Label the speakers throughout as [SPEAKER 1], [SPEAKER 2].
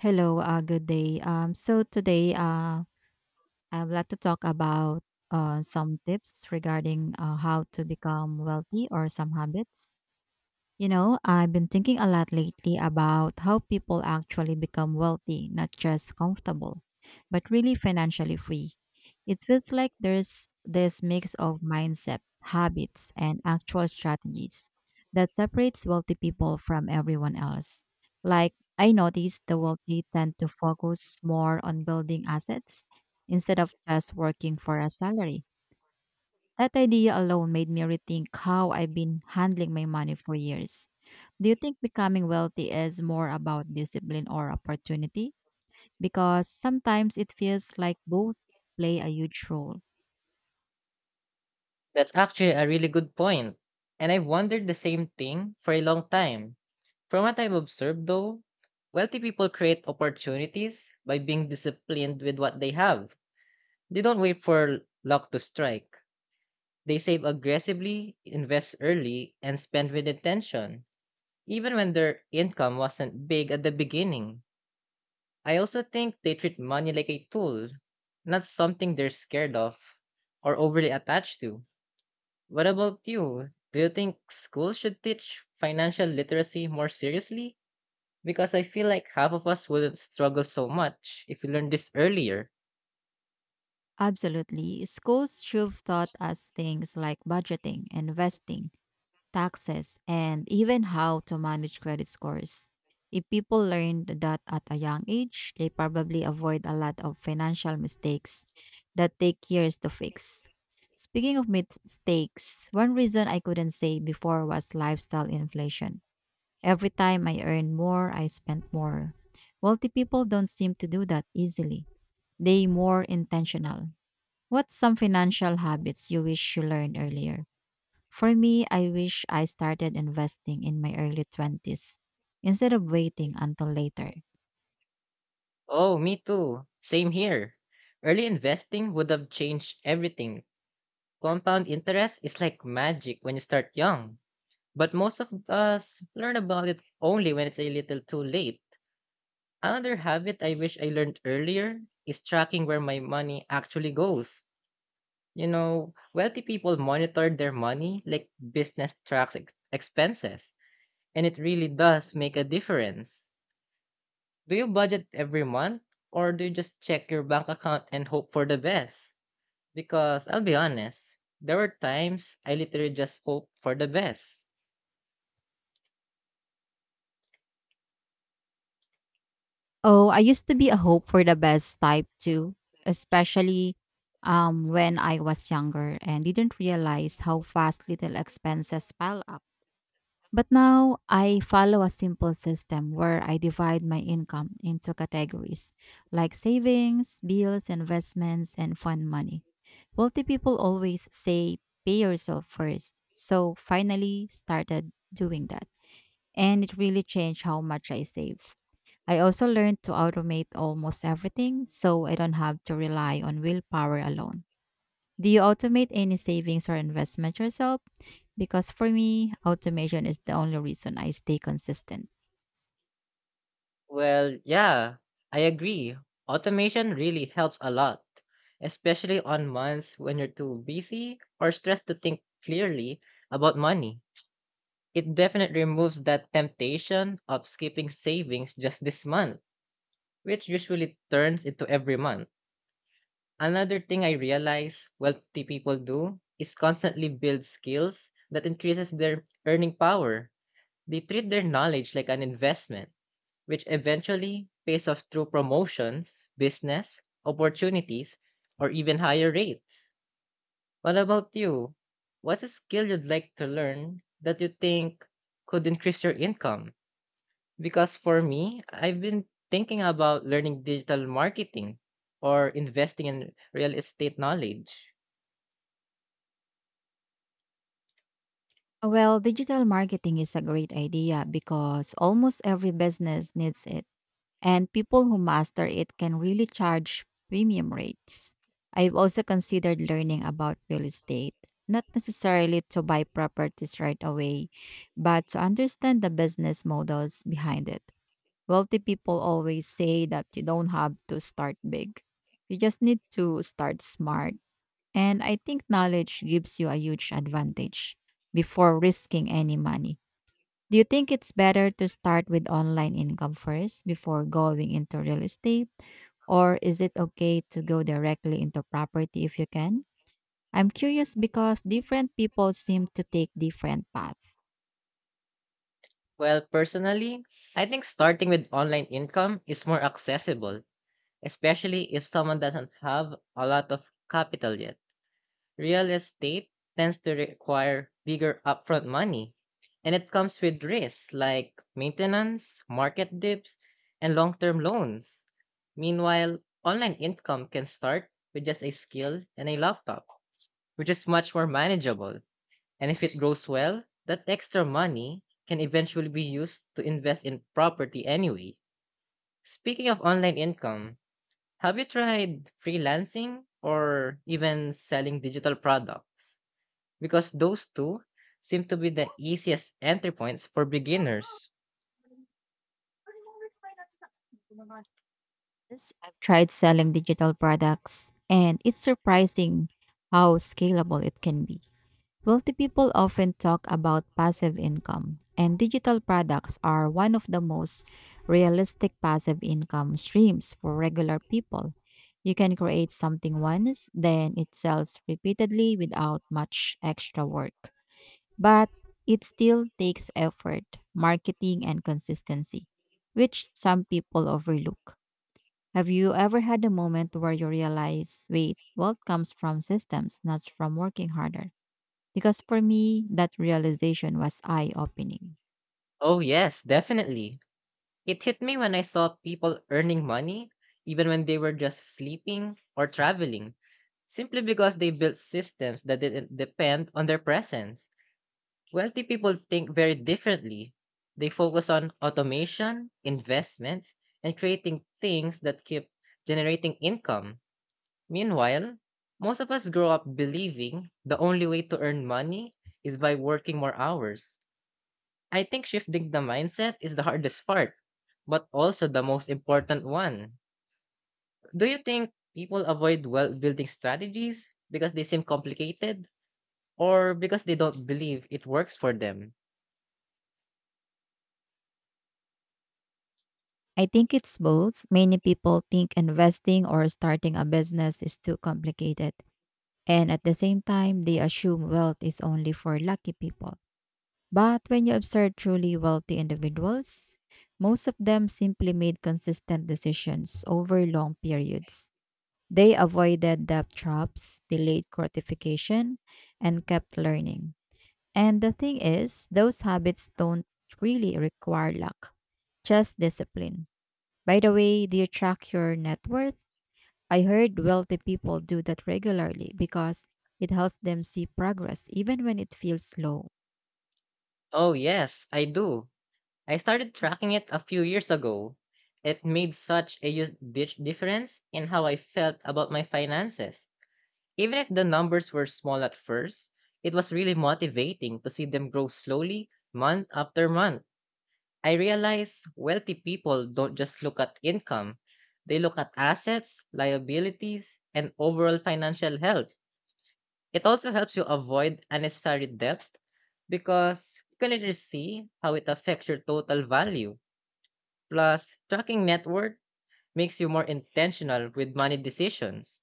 [SPEAKER 1] Hello, good day. So today, I would like to talk about some tips regarding how to become wealthy or some habits. You know, I've been thinking a lot lately about how people actually become wealthy, not just comfortable, but really financially free. It feels like there's this mix of mindset, habits, and actual strategies that separates wealthy people from everyone else. Like, I noticed the wealthy tend to focus more on building assets instead of just working for a salary that idea alone made me rethink how I've been handling my money for years. Do you think becoming wealthy is more about discipline or opportunity? Because sometimes it feels like both play a huge role.
[SPEAKER 2] That's actually a really good point, and I've wondered the same thing for a long time. From what I've observed, though, wealthy people create opportunities by being disciplined with what they have. They don't wait for luck to strike. They save aggressively, invest early, and spend with intention, even when their income wasn't big at the beginning. I also think they treat money like a tool, not something they're scared of or overly attached to. What about you? Do you think school should teach financial literacy more seriously? Because I feel like half of us wouldn't struggle so much if we learned this earlier.
[SPEAKER 1] Absolutely. Schools should have taught us things like budgeting, investing, taxes, and even how to manage credit scores. If people learned that at a young age, they probably avoid a lot of financial mistakes that take years to fix. Speaking of mistakes, one reason I couldn't say before was lifestyle inflation. Every time I earned more, I spent more. Wealthy people don't seem to do that easily. They more intentional. What's some financial habits you wish you learned earlier? For me, I wish I started investing in my early 20s instead of waiting until later.
[SPEAKER 2] Oh, me too. Same here. Early investing would have changed everything. Compound interest is like magic when you start young. But most of us learn about it only when it's a little too late. Another habit I wish I learned earlier is tracking where my money actually goes. You know, wealthy people monitor their money like business tracks expenses, and it really does make a difference. Do you budget every month, or do you just check your bank account and hope for the best? Because I'll be honest, there were times I literally just hope for the best.
[SPEAKER 1] Oh, I used to be a hope for the best type too, especially when I was younger and didn't realize how fast little expenses pile up. But now I follow a simple system where I divide my income into categories like savings, bills, investments, and fun money. Wealthy people always say, pay yourself first. So finally started doing that. And it really changed how much I save. I also learned to automate almost everything so I don't have to rely on willpower alone. Do you automate any savings or investment yourself? Because for me, automation is the only reason I stay consistent.
[SPEAKER 2] Well, yeah, I agree. Automation really helps a lot, especially on months when you're too busy or stressed to think clearly about money. It definitely removes that temptation of skipping savings just this month, which usually turns into every month. Another thing I realize wealthy people do is constantly build skills that increases their earning power. They treat their knowledge like an investment, which eventually pays off through promotions, business, opportunities, or even higher rates. What about you? What's a skill you'd like to learn that you think could increase your income? Because for me, I've been thinking about learning digital marketing or investing in real estate knowledge.
[SPEAKER 1] Well, digital marketing is a great idea because almost every business needs it and people who master it can really charge premium rates. I've also considered learning about real estate, not necessarily to buy properties right away, but to understand the business models behind it. Wealthy people always say that you don't have to start big, you just need to start smart. And I think knowledge gives you a huge advantage before risking any money. Do you think it's better to start with online income first before going into real estate? Or is it okay to go directly into property if you can? I'm curious because different people seem to take different paths.
[SPEAKER 2] Well, personally, I think starting with online income is more accessible, especially if someone doesn't have a lot of capital yet. Real estate tends to require bigger upfront money, and it comes with risks like maintenance, market dips, and long term loans. Meanwhile, online income can start with just a skill and a laptop, which is much more manageable. And if it grows well, that extra money can eventually be used to invest in property anyway. Speaking of online income, have you tried freelancing or even selling digital products? Because those two seem to be the easiest entry points for beginners.
[SPEAKER 1] Yes, I've tried selling digital products, and it's surprising how scalable it can be. Wealthy people often talk about passive income, and digital products are one of the most realistic passive income streams for regular people. You can create something once, then it sells repeatedly without much extra work. But it still takes effort, marketing, and consistency, which some people overlook. Have you ever had a moment where you realize, wait, wealth comes from systems, not from working harder? Because for me, that realization was eye opening.
[SPEAKER 2] Oh, yes, definitely. It hit me when I saw people earning money, even when they were just sleeping or traveling, simply because they built systems that didn't depend on their presence. Wealthy people think very differently. They focus on automation, investments, and creating things that keep generating income. Meanwhile, most of us grow up believing the only way to earn money is by working more hours. I think shifting the mindset is the hardest part, but also the most important one. Do you think people avoid wealth building strategies because they seem complicated or because they don't believe it works for them?
[SPEAKER 1] I think it's both. Many people think investing or starting a business is too complicated. And at the same time, they assume wealth is only for lucky people. But when you observe truly wealthy individuals, most of them simply made consistent decisions over long periods. They avoided debt traps, delayed gratification, and kept learning. And the thing is, those habits don't really require luck, just discipline. By the way, do you track your net worth? I heard wealthy people do that regularly because it helps them see progress even when it feels slow.
[SPEAKER 2] Oh, yes, I do. I started tracking it a few years ago. It made such a huge difference in how I felt about my finances. Even if the numbers were small at first, it was really motivating to see them grow slowly month after month. I realized wealthy people don't just look at income, they look at assets, liabilities, and overall financial health. It also helps you avoid unnecessary debt because you can later see how it affects your total value. Plus, tracking net worth makes you more intentional with money decisions.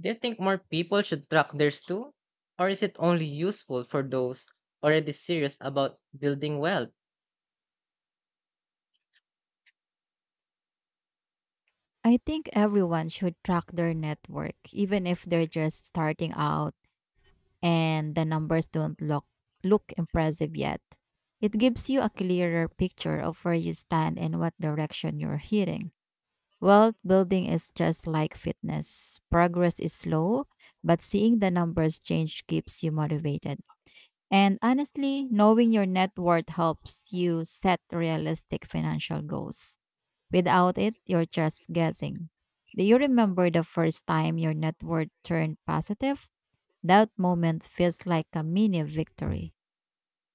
[SPEAKER 2] Do you think more people should track theirs too? Or is it only useful for those already serious about building wealth?
[SPEAKER 1] I think everyone should track their net worth, even if they're just starting out and the numbers don't look, look impressive yet. It gives you a clearer picture of where you stand and what direction you're heading. Wealth building is just like fitness. Progress is slow, but seeing the numbers change keeps you motivated. And honestly, knowing your net worth helps you set realistic financial goals. Without it, you're just guessing. Do you remember the first time your net worth turned positive? That moment feels like a mini victory.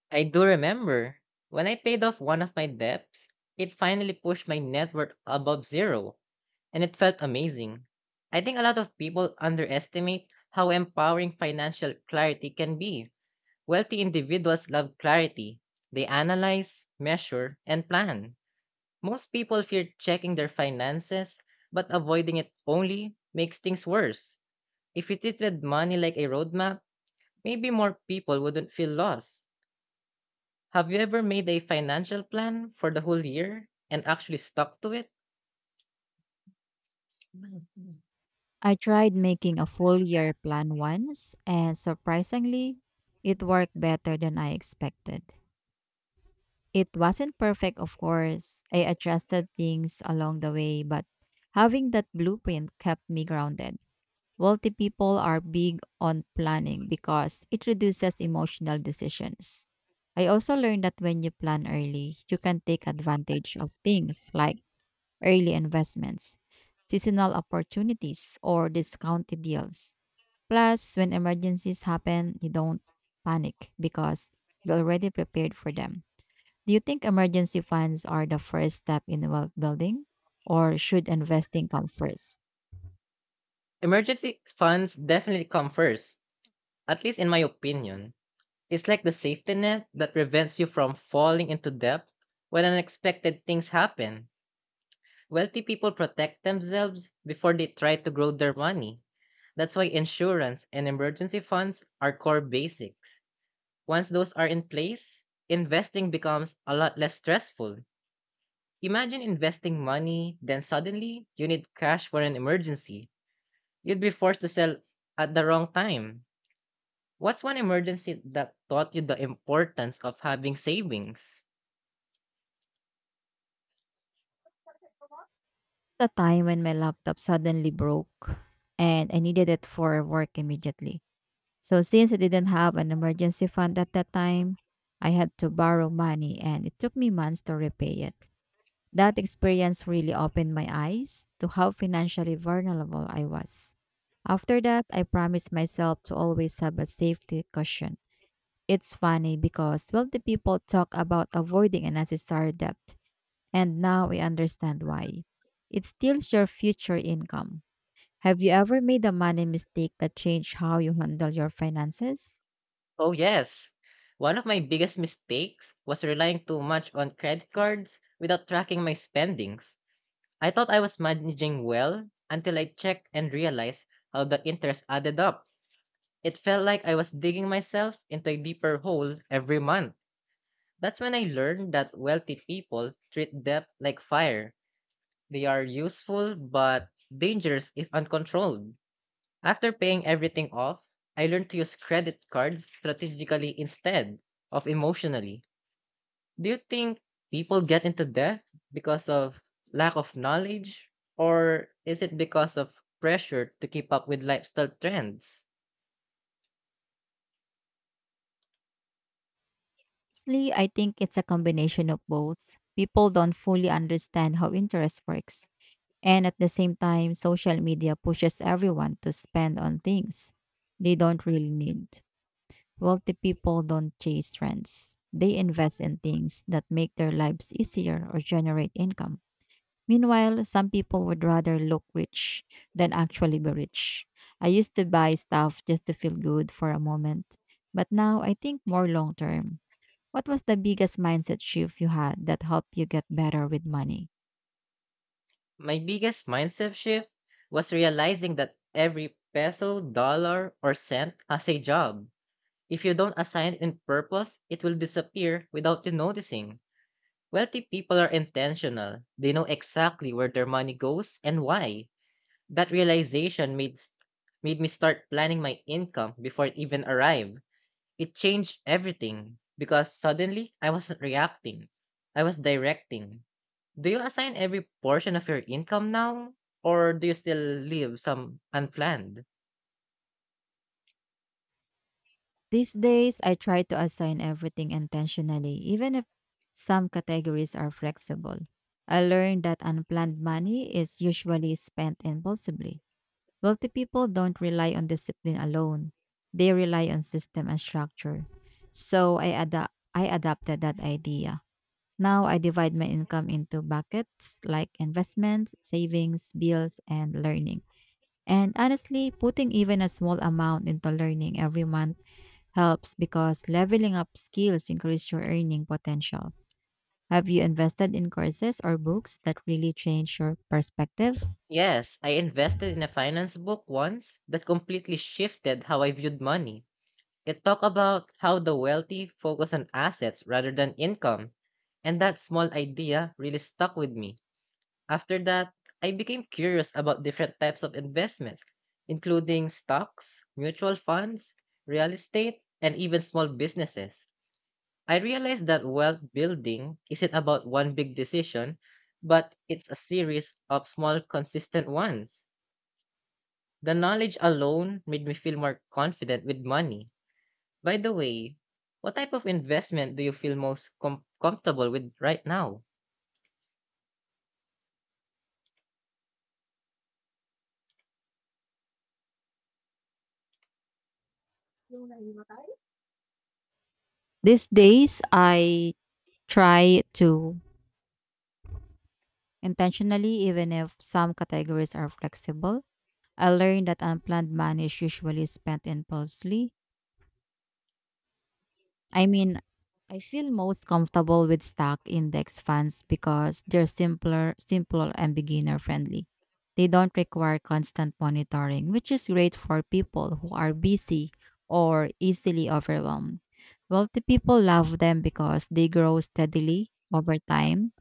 [SPEAKER 2] I do remember when I paid off one of my debts, it finally pushed my net worth above zero, and it felt amazing. I think a lot of people underestimate how empowering financial clarity can be. Wealthy individuals love clarity, they analyze, measure, and plan. Most people fear checking their finances, but avoiding it only makes things worse. If you treated money like a roadmap, maybe more people wouldn't feel lost. Have you ever made a financial plan for the whole year and actually stuck to it?
[SPEAKER 1] I tried making a full year plan once, and surprisingly, it worked better than I expected. It wasn't perfect, of course. I adjusted things along the way, but having that blueprint kept me grounded. Wealthy people are big on planning because it reduces emotional decisions. I also learned that when you plan early, you can take advantage of things like early investments, seasonal opportunities, or discounted deals. Plus, when emergencies happen, you don't panic because you're already prepared for them. Do you think emergency funds are the first step in wealth building, or should investing come first?
[SPEAKER 2] Emergency funds definitely come first, at least in my opinion. It's like the safety net that prevents you from falling into debt when unexpected things happen. Wealthy people protect themselves before they try to grow their money. That's why insurance and emergency funds are core basics. Once those are in place, investing becomes a lot less stressful. Imagine investing money, then suddenly you need cash for an emergency. You'd be forced to sell at the wrong time. What's one emergency that taught you the importance of having savings?
[SPEAKER 1] The time when my laptop suddenly broke and I needed it for work immediately. So since I didn't have an emergency fund at that time, I had to borrow money and it took me months to repay it. That experience really opened my eyes to how financially vulnerable I was. After that, I promised myself to always have a safety cushion. It's funny because wealthy people talk about avoiding unnecessary debt, and now we understand why. It steals your future income. Have you ever made a money mistake that changed how you handle your finances?
[SPEAKER 2] Oh, yes. One of my biggest mistakes was relying too much on credit cards without tracking my spendings. I thought I was managing well until I checked and realized how the interest added up. It felt like I was digging myself into a deeper hole every month. That's when I learned that wealthy people treat debt like fire. They are useful but dangerous if uncontrolled. After paying everything off, I learned to use credit cards strategically instead of emotionally. Do you think people get into debt because of lack of knowledge? Or is it because of pressure to keep up with lifestyle trends?
[SPEAKER 1] Honestly, I think it's a combination of both. People don't fully understand how interest works. And at the same time, social media pushes everyone to spend on things they don't really need. Wealthy people don't chase trends, they invest in things that make their lives easier or generate income. Meanwhile, some people would rather look rich than actually be rich. I used to buy stuff just to feel good for a moment, but now I think more long term. What was the biggest mindset shift you had that helped you get better with money?
[SPEAKER 2] My biggest mindset shift was realizing that every peso, dollar, or cent has a job. If you don't assign it in purpose, it will disappear without you noticing. Wealthy people are intentional. They know exactly where their money goes and why. That realization made s- made me start planning my income before it even arrived. It changed everything because suddenly I wasn't reacting. I was directing. Do you assign every portion of your income now or do you still leave some unplanned?
[SPEAKER 1] These days, I try to assign everything intentionally, even if some categories are flexible. I learned that unplanned money is usually spent impulsively. Wealthy people don't rely on discipline alone, they rely on system and structure. So I adapted that idea. Now I divide my income into buckets like investments, savings, bills, and learning. And honestly, putting even a small amount into learning every month helps because leveling up skills increase your earning potential. Have you invested in courses or books that really change your perspective?
[SPEAKER 2] Yes, I invested in a finance book once that completely shifted how I viewed money. It talked about how the wealthy focus on assets rather than income, and that small idea really stuck with me. After that, I became curious about different types of investments, including stocks, mutual funds, real estate, and even small businesses. I realized that wealth building isn't about one big decision, but it's a series of small, consistent ones. The knowledge alone made me feel more confident with money. By the way, what type of investment do you feel most comfortable with right now?
[SPEAKER 1] These days, I try to intentionally, even if some categories are flexible. I learned that unplanned money is usually spent impulsively I mean, I feel most comfortable with stock index funds because they're simple and beginner friendly. They don't require constant monitoring, which is great for people who are busy or easily overwhelmed. Wealthy people love them because they grow steadily over time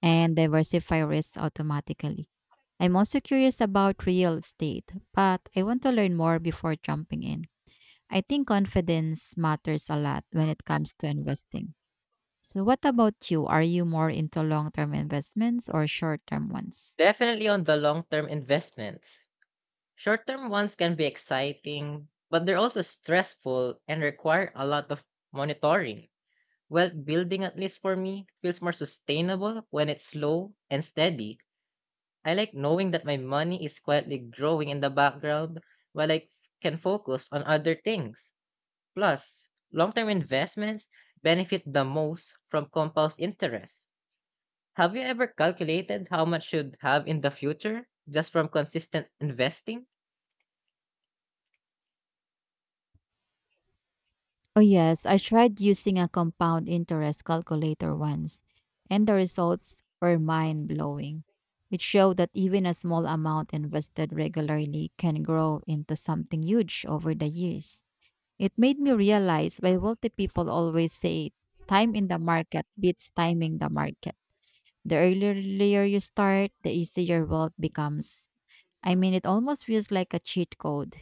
[SPEAKER 1] and diversify risks automatically. I'm also curious about real estate, but I want to learn more before jumping in. I think confidence matters a lot when it comes to investing. So, what about you? Are you more into long term investments or short term ones?
[SPEAKER 2] Definitely on the long term investments. Short term ones can be exciting, but they're also stressful and require a lot of monitoring. Wealth building, at least for me, feels more sustainable when it's slow and steady. I like knowing that my money is quietly growing in the background while I can focus on other things. Plus, long term investments benefit the most from compound interest. Have you ever calculated how much you'd have in the future just from consistent investing?
[SPEAKER 1] Oh, yes, I tried using a compound interest calculator once, and the results were mind blowing. It showed that even a small amount invested regularly can grow into something huge over the years. It made me realize why wealthy people always say time in the market beats timing the market. The earlier you start, the easier wealth becomes. I mean, it almost feels like a cheat code.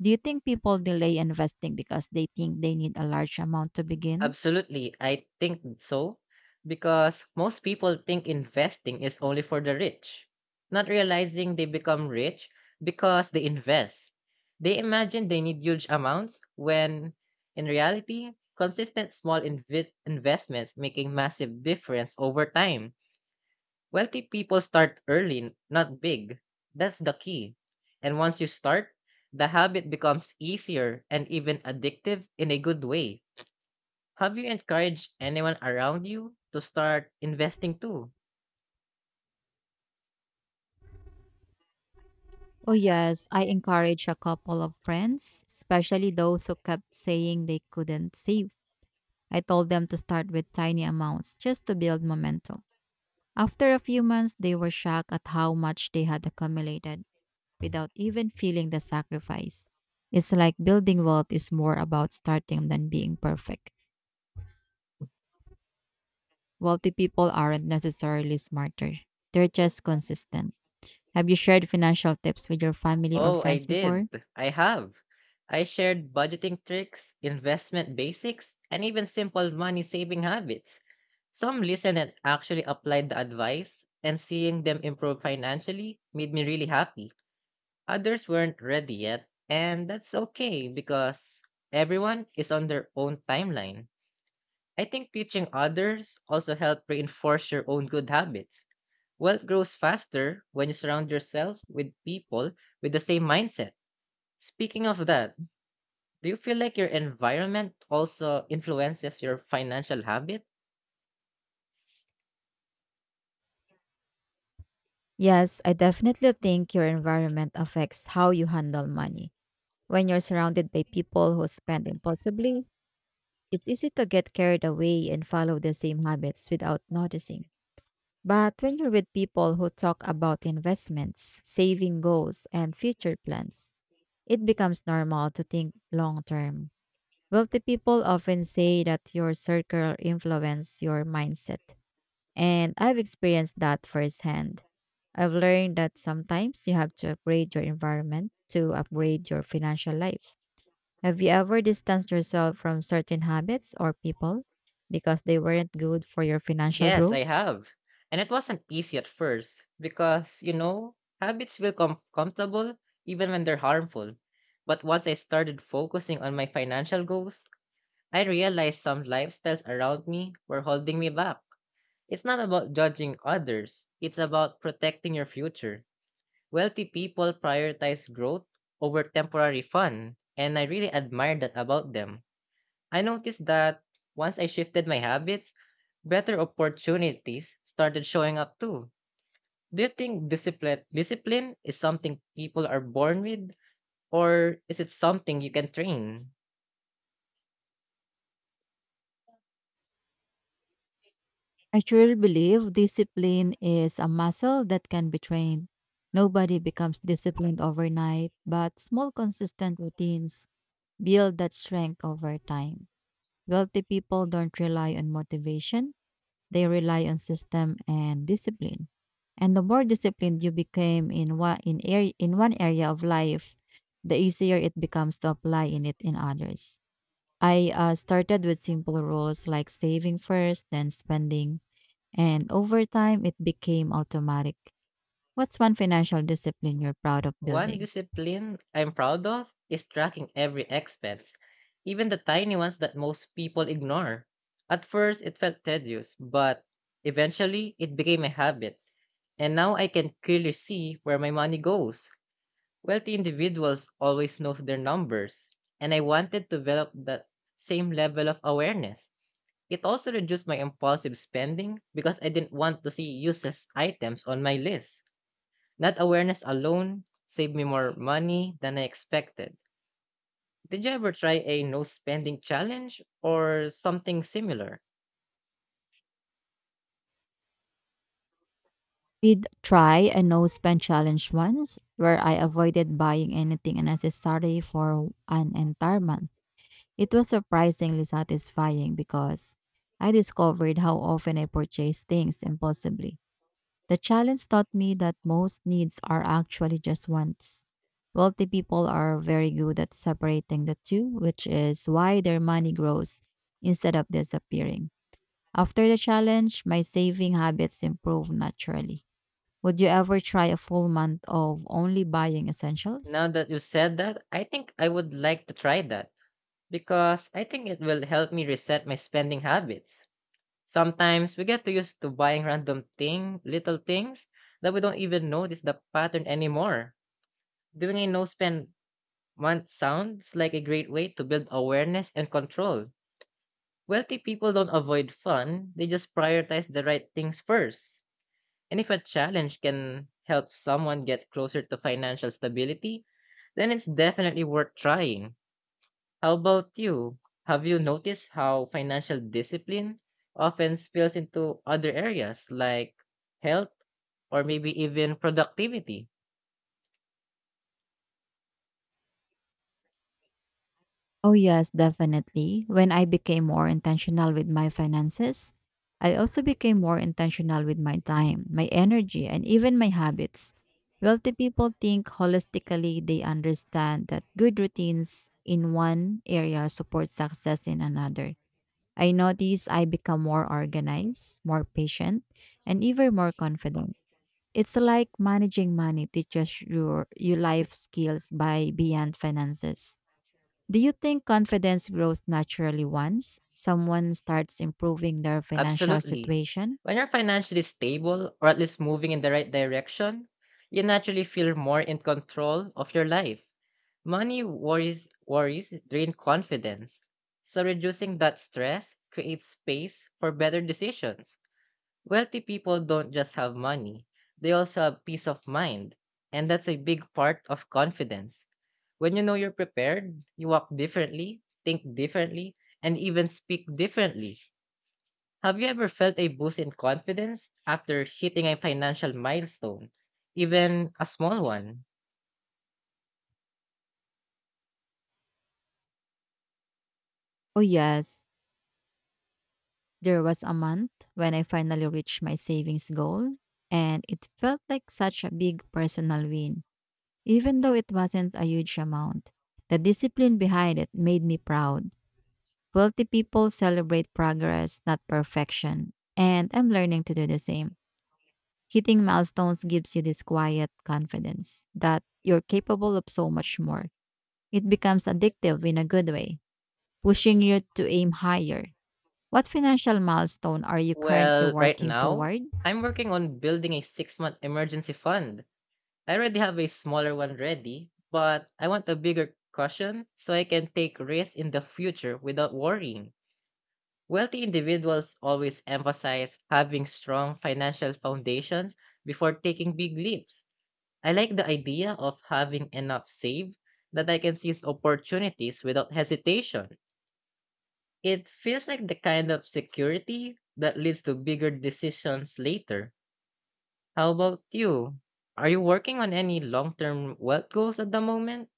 [SPEAKER 1] Do you think people delay investing because they think they need a large amount to begin?
[SPEAKER 2] Absolutely, I think so. Because most people think investing is only for the rich, not realizing they become rich because they invest. They imagine they need huge amounts when, in reality, consistent small investments make a massive difference over time. Wealthy people start early, not big. That's the key. And once you start, the habit becomes easier and even addictive in a good way. Have you encouraged anyone around you to start investing too?
[SPEAKER 1] Oh, yes, I encourage a couple of friends, especially those who kept saying they couldn't save. I told them to start with tiny amounts just to build momentum. After a few months, they were shocked at how much they had accumulated. Without even feeling the sacrifice. It's like building wealth is more about starting than being perfect. Wealthy people aren't necessarily smarter, they're just consistent. Have you shared financial tips with your family or
[SPEAKER 2] Oh, I
[SPEAKER 1] friends
[SPEAKER 2] did.
[SPEAKER 1] before?
[SPEAKER 2] I have. I shared budgeting tricks, investment basics, and even simple money saving habits. Some listened and actually applied the advice, and seeing them improve financially made me really happy. Others weren't ready yet, and that's okay because everyone is on their own timeline. I think teaching others also helped reinforce your own good habits. Wealth grows faster when you surround yourself with people with the same mindset. Speaking of that, do you feel like your environment also influences your financial habit?
[SPEAKER 1] Yes, I definitely think your environment affects how you handle money. When you're surrounded by people who spend impulsively, it's easy to get carried away and follow the same habits without noticing. But when you're with people who talk about investments, saving goals, and future plans, it becomes normal to think long term. Wealthy people often say that your circle influence your mindset, and I've experienced that firsthand. I've learned that sometimes you have to upgrade your environment to upgrade your financial life. Have you ever distanced yourself from certain habits or people because they weren't good for your financial
[SPEAKER 2] Yes, I
[SPEAKER 1] growth?
[SPEAKER 2] have. And it wasn't easy at first because, you know, habits feel comfortable even when they're harmful. But once I started focusing on my financial goals, I realized some lifestyles around me were holding me back. It's not about judging others, it's about protecting your future. Wealthy people prioritize growth over temporary fun, and I really admire that about them. I noticed that once I shifted my habits, better opportunities started showing up too. Do you think discipline is something people are born with or is it something you can train?
[SPEAKER 1] I truly believe discipline is a muscle that can be trained. Nobody becomes disciplined overnight, but small, consistent routines build that strength over time. Wealthy people don't rely on motivation, they rely on system and discipline. And the more disciplined you became in area, in one area of life, the easier it becomes to apply in it in others. I started with simple rules like saving first, then spending, and over time, it became automatic. What's one financial discipline you're proud of
[SPEAKER 2] One
[SPEAKER 1] building?
[SPEAKER 2] discipline I'm proud of is tracking every expense, even the tiny ones that most people ignore. At first, it felt tedious, but eventually it became a habit, and now I can clearly see where my money goes. Wealthy individuals always know their numbers, and I wanted to develop that same level of awareness. It also reduced my impulsive spending because I didn't want to see useless items on my list. That awareness alone saved me more money than I expected. Did you ever try a no spending challenge or something similar?
[SPEAKER 1] Did try a no spend challenge once where I avoided buying anything unnecessary for an entire month. It was surprisingly satisfying because I discovered how often I purchase things impulsively. The challenge taught me that most needs are actually just wants. Wealthy people are very good at separating the two, which is why their money grows instead of disappearing. After the challenge, my saving habits improved naturally. Would you ever try a full month of only buying
[SPEAKER 2] Now
[SPEAKER 1] essentials?
[SPEAKER 2] that you said that, I think I would like to try that because I think it will help me reset my spending habits. Sometimes we get too used to buying little things that we don't even notice the pattern anymore. Doing a no spend month sounds like a great way to build awareness and control. Wealthy people don't avoid fun, they just prioritize the right things first. And if a challenge can help someone get closer to financial stability, then it's definitely worth trying. How about you? Have you noticed how financial discipline often spills into other areas like health or maybe even productivity?
[SPEAKER 1] Oh, yes, definitely. When I became more intentional with my finances, I also became more intentional with my time, my energy, and even my habits. Wealthy people think holistically, they understand that good routines in one area support success in another. I notice I become more organized, more patient, and even more confident. It's like managing money teaches your life skills by beyond finances. Do you think confidence grows naturally once someone starts improving their financial
[SPEAKER 2] Absolutely.
[SPEAKER 1] situation?
[SPEAKER 2] When you're financially stable, or at least moving in the right direction, you naturally feel more in control of your life. Money worries drain confidence. So reducing that stress creates space for better decisions. Wealthy people don't just have money, they also have peace of mind. And that's a big part of confidence. When you know you're prepared, you walk differently, think differently, and even speak differently. Have you ever felt a boost in confidence after hitting a financial milestone, even a small one?
[SPEAKER 1] Oh, yes. There was a month when I finally reached my savings goal, and it felt like such a big personal win, even though it wasn't a huge amount. The discipline behind it made me proud. Wealthy people celebrate progress, not perfection, and I'm learning to do the same. Hitting milestones gives you this quiet confidence that you're capable of so much more. It becomes addictive in a good way, pushing you to aim higher. What financial milestone are you currently
[SPEAKER 2] Well, right
[SPEAKER 1] working
[SPEAKER 2] now,
[SPEAKER 1] toward?
[SPEAKER 2] I'm working on building a 6 month emergency fund. I already have a smaller one ready, but I want a bigger cushion so I can take risks in the future without worrying. Wealthy individuals always emphasize having strong financial foundations before taking big leaps. I like the idea of having enough saved that I can seize opportunities without hesitation. It feels like the kind of security that leads to bigger decisions later. How about you? Are you working on any long term wealth goals at the moment?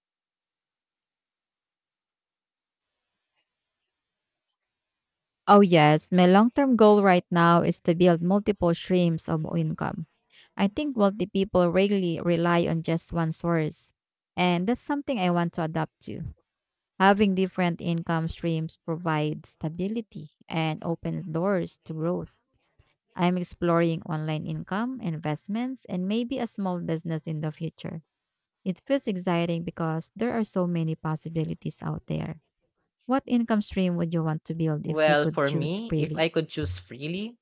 [SPEAKER 1] Oh, yes. My long term goal right now is to build multiple streams of income. I think wealthy people rarely rely on just one source, and that's something I want to adapt to. Having different income streams provides stability and opens doors to growth. I'm exploring online income, investments, and maybe a small business in the future. It feels exciting because there are so many possibilities out there. What income stream would you want to build if you
[SPEAKER 2] Well,
[SPEAKER 1] could
[SPEAKER 2] for
[SPEAKER 1] choose
[SPEAKER 2] me, if
[SPEAKER 1] freely?
[SPEAKER 2] I could choose freely,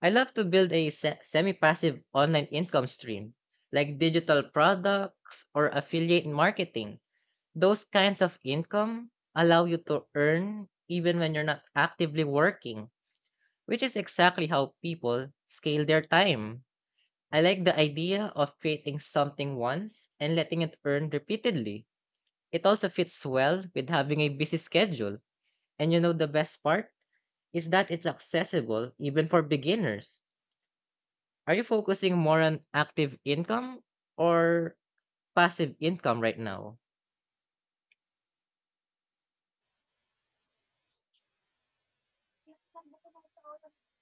[SPEAKER 2] I love to build semi passive online income stream, like digital products or affiliate marketing. Those kinds of income allow you to earn even when you're not actively working, which is exactly how people scale their time. I like the idea of creating something once and letting it earn repeatedly. It also fits well with having a busy schedule. And you know, the best part is that it's accessible even for beginners. Are you focusing more on active income or passive income right now?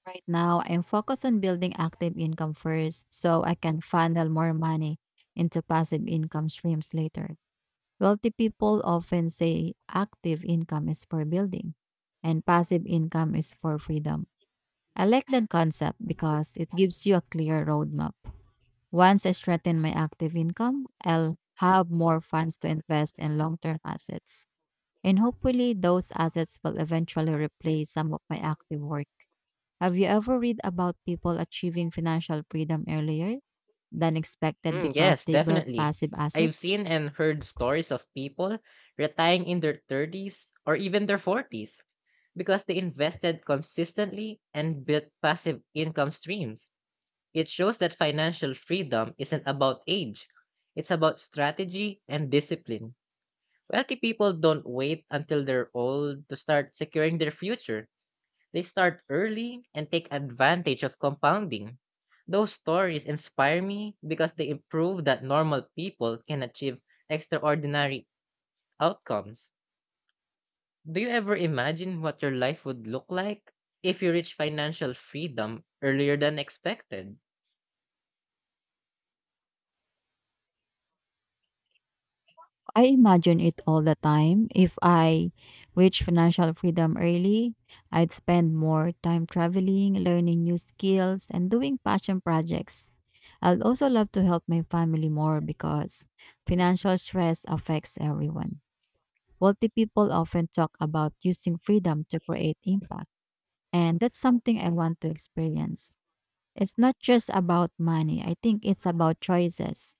[SPEAKER 1] Right now, I'm focused on building active income first so I can funnel more money into passive income streams later. Wealthy people often say active income is for building and passive income is for freedom. I like that concept because it gives you a clear roadmap. Once I strengthen my active income, I'll have more funds to invest in long term assets. And hopefully, those assets will eventually replace some of my active work. Have you ever read about people achieving financial freedom earlier than expected
[SPEAKER 2] Mm,
[SPEAKER 1] because
[SPEAKER 2] yes,
[SPEAKER 1] they built
[SPEAKER 2] definitely.
[SPEAKER 1] passive
[SPEAKER 2] I've seen
[SPEAKER 1] assets?
[SPEAKER 2] and heard stories of people retiring in their 30s or even their 40s because they invested consistently and built passive income streams. It shows that financial freedom isn't about age, it's about strategy and discipline. Wealthy people don't wait until they're old to start securing their future. They start early and take advantage of compounding. Those stories inspire me because they prove that normal people can achieve extraordinary outcomes. Do you ever imagine what your life would look like if you reach financial freedom earlier than expected?
[SPEAKER 1] I imagine it all the time. If I reach financial freedom early, I'd spend more time traveling, learning new skills, and doing passion projects. I'd also love to help my family more because financial stress affects everyone. Wealthy people often talk about using freedom to create impact, and that's something I want to experience. It's not just about money, I think it's about choices.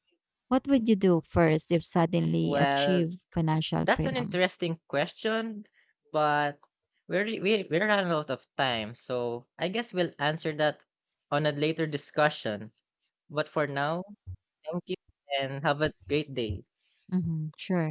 [SPEAKER 1] What would you do first if suddenly
[SPEAKER 2] Well,
[SPEAKER 1] achieve financial
[SPEAKER 2] that's an
[SPEAKER 1] freedom?
[SPEAKER 2] interesting question, but we're running out of time, so I guess we'll answer that on a later discussion. But for now, thank you and have a great day.
[SPEAKER 1] Mhm, sure.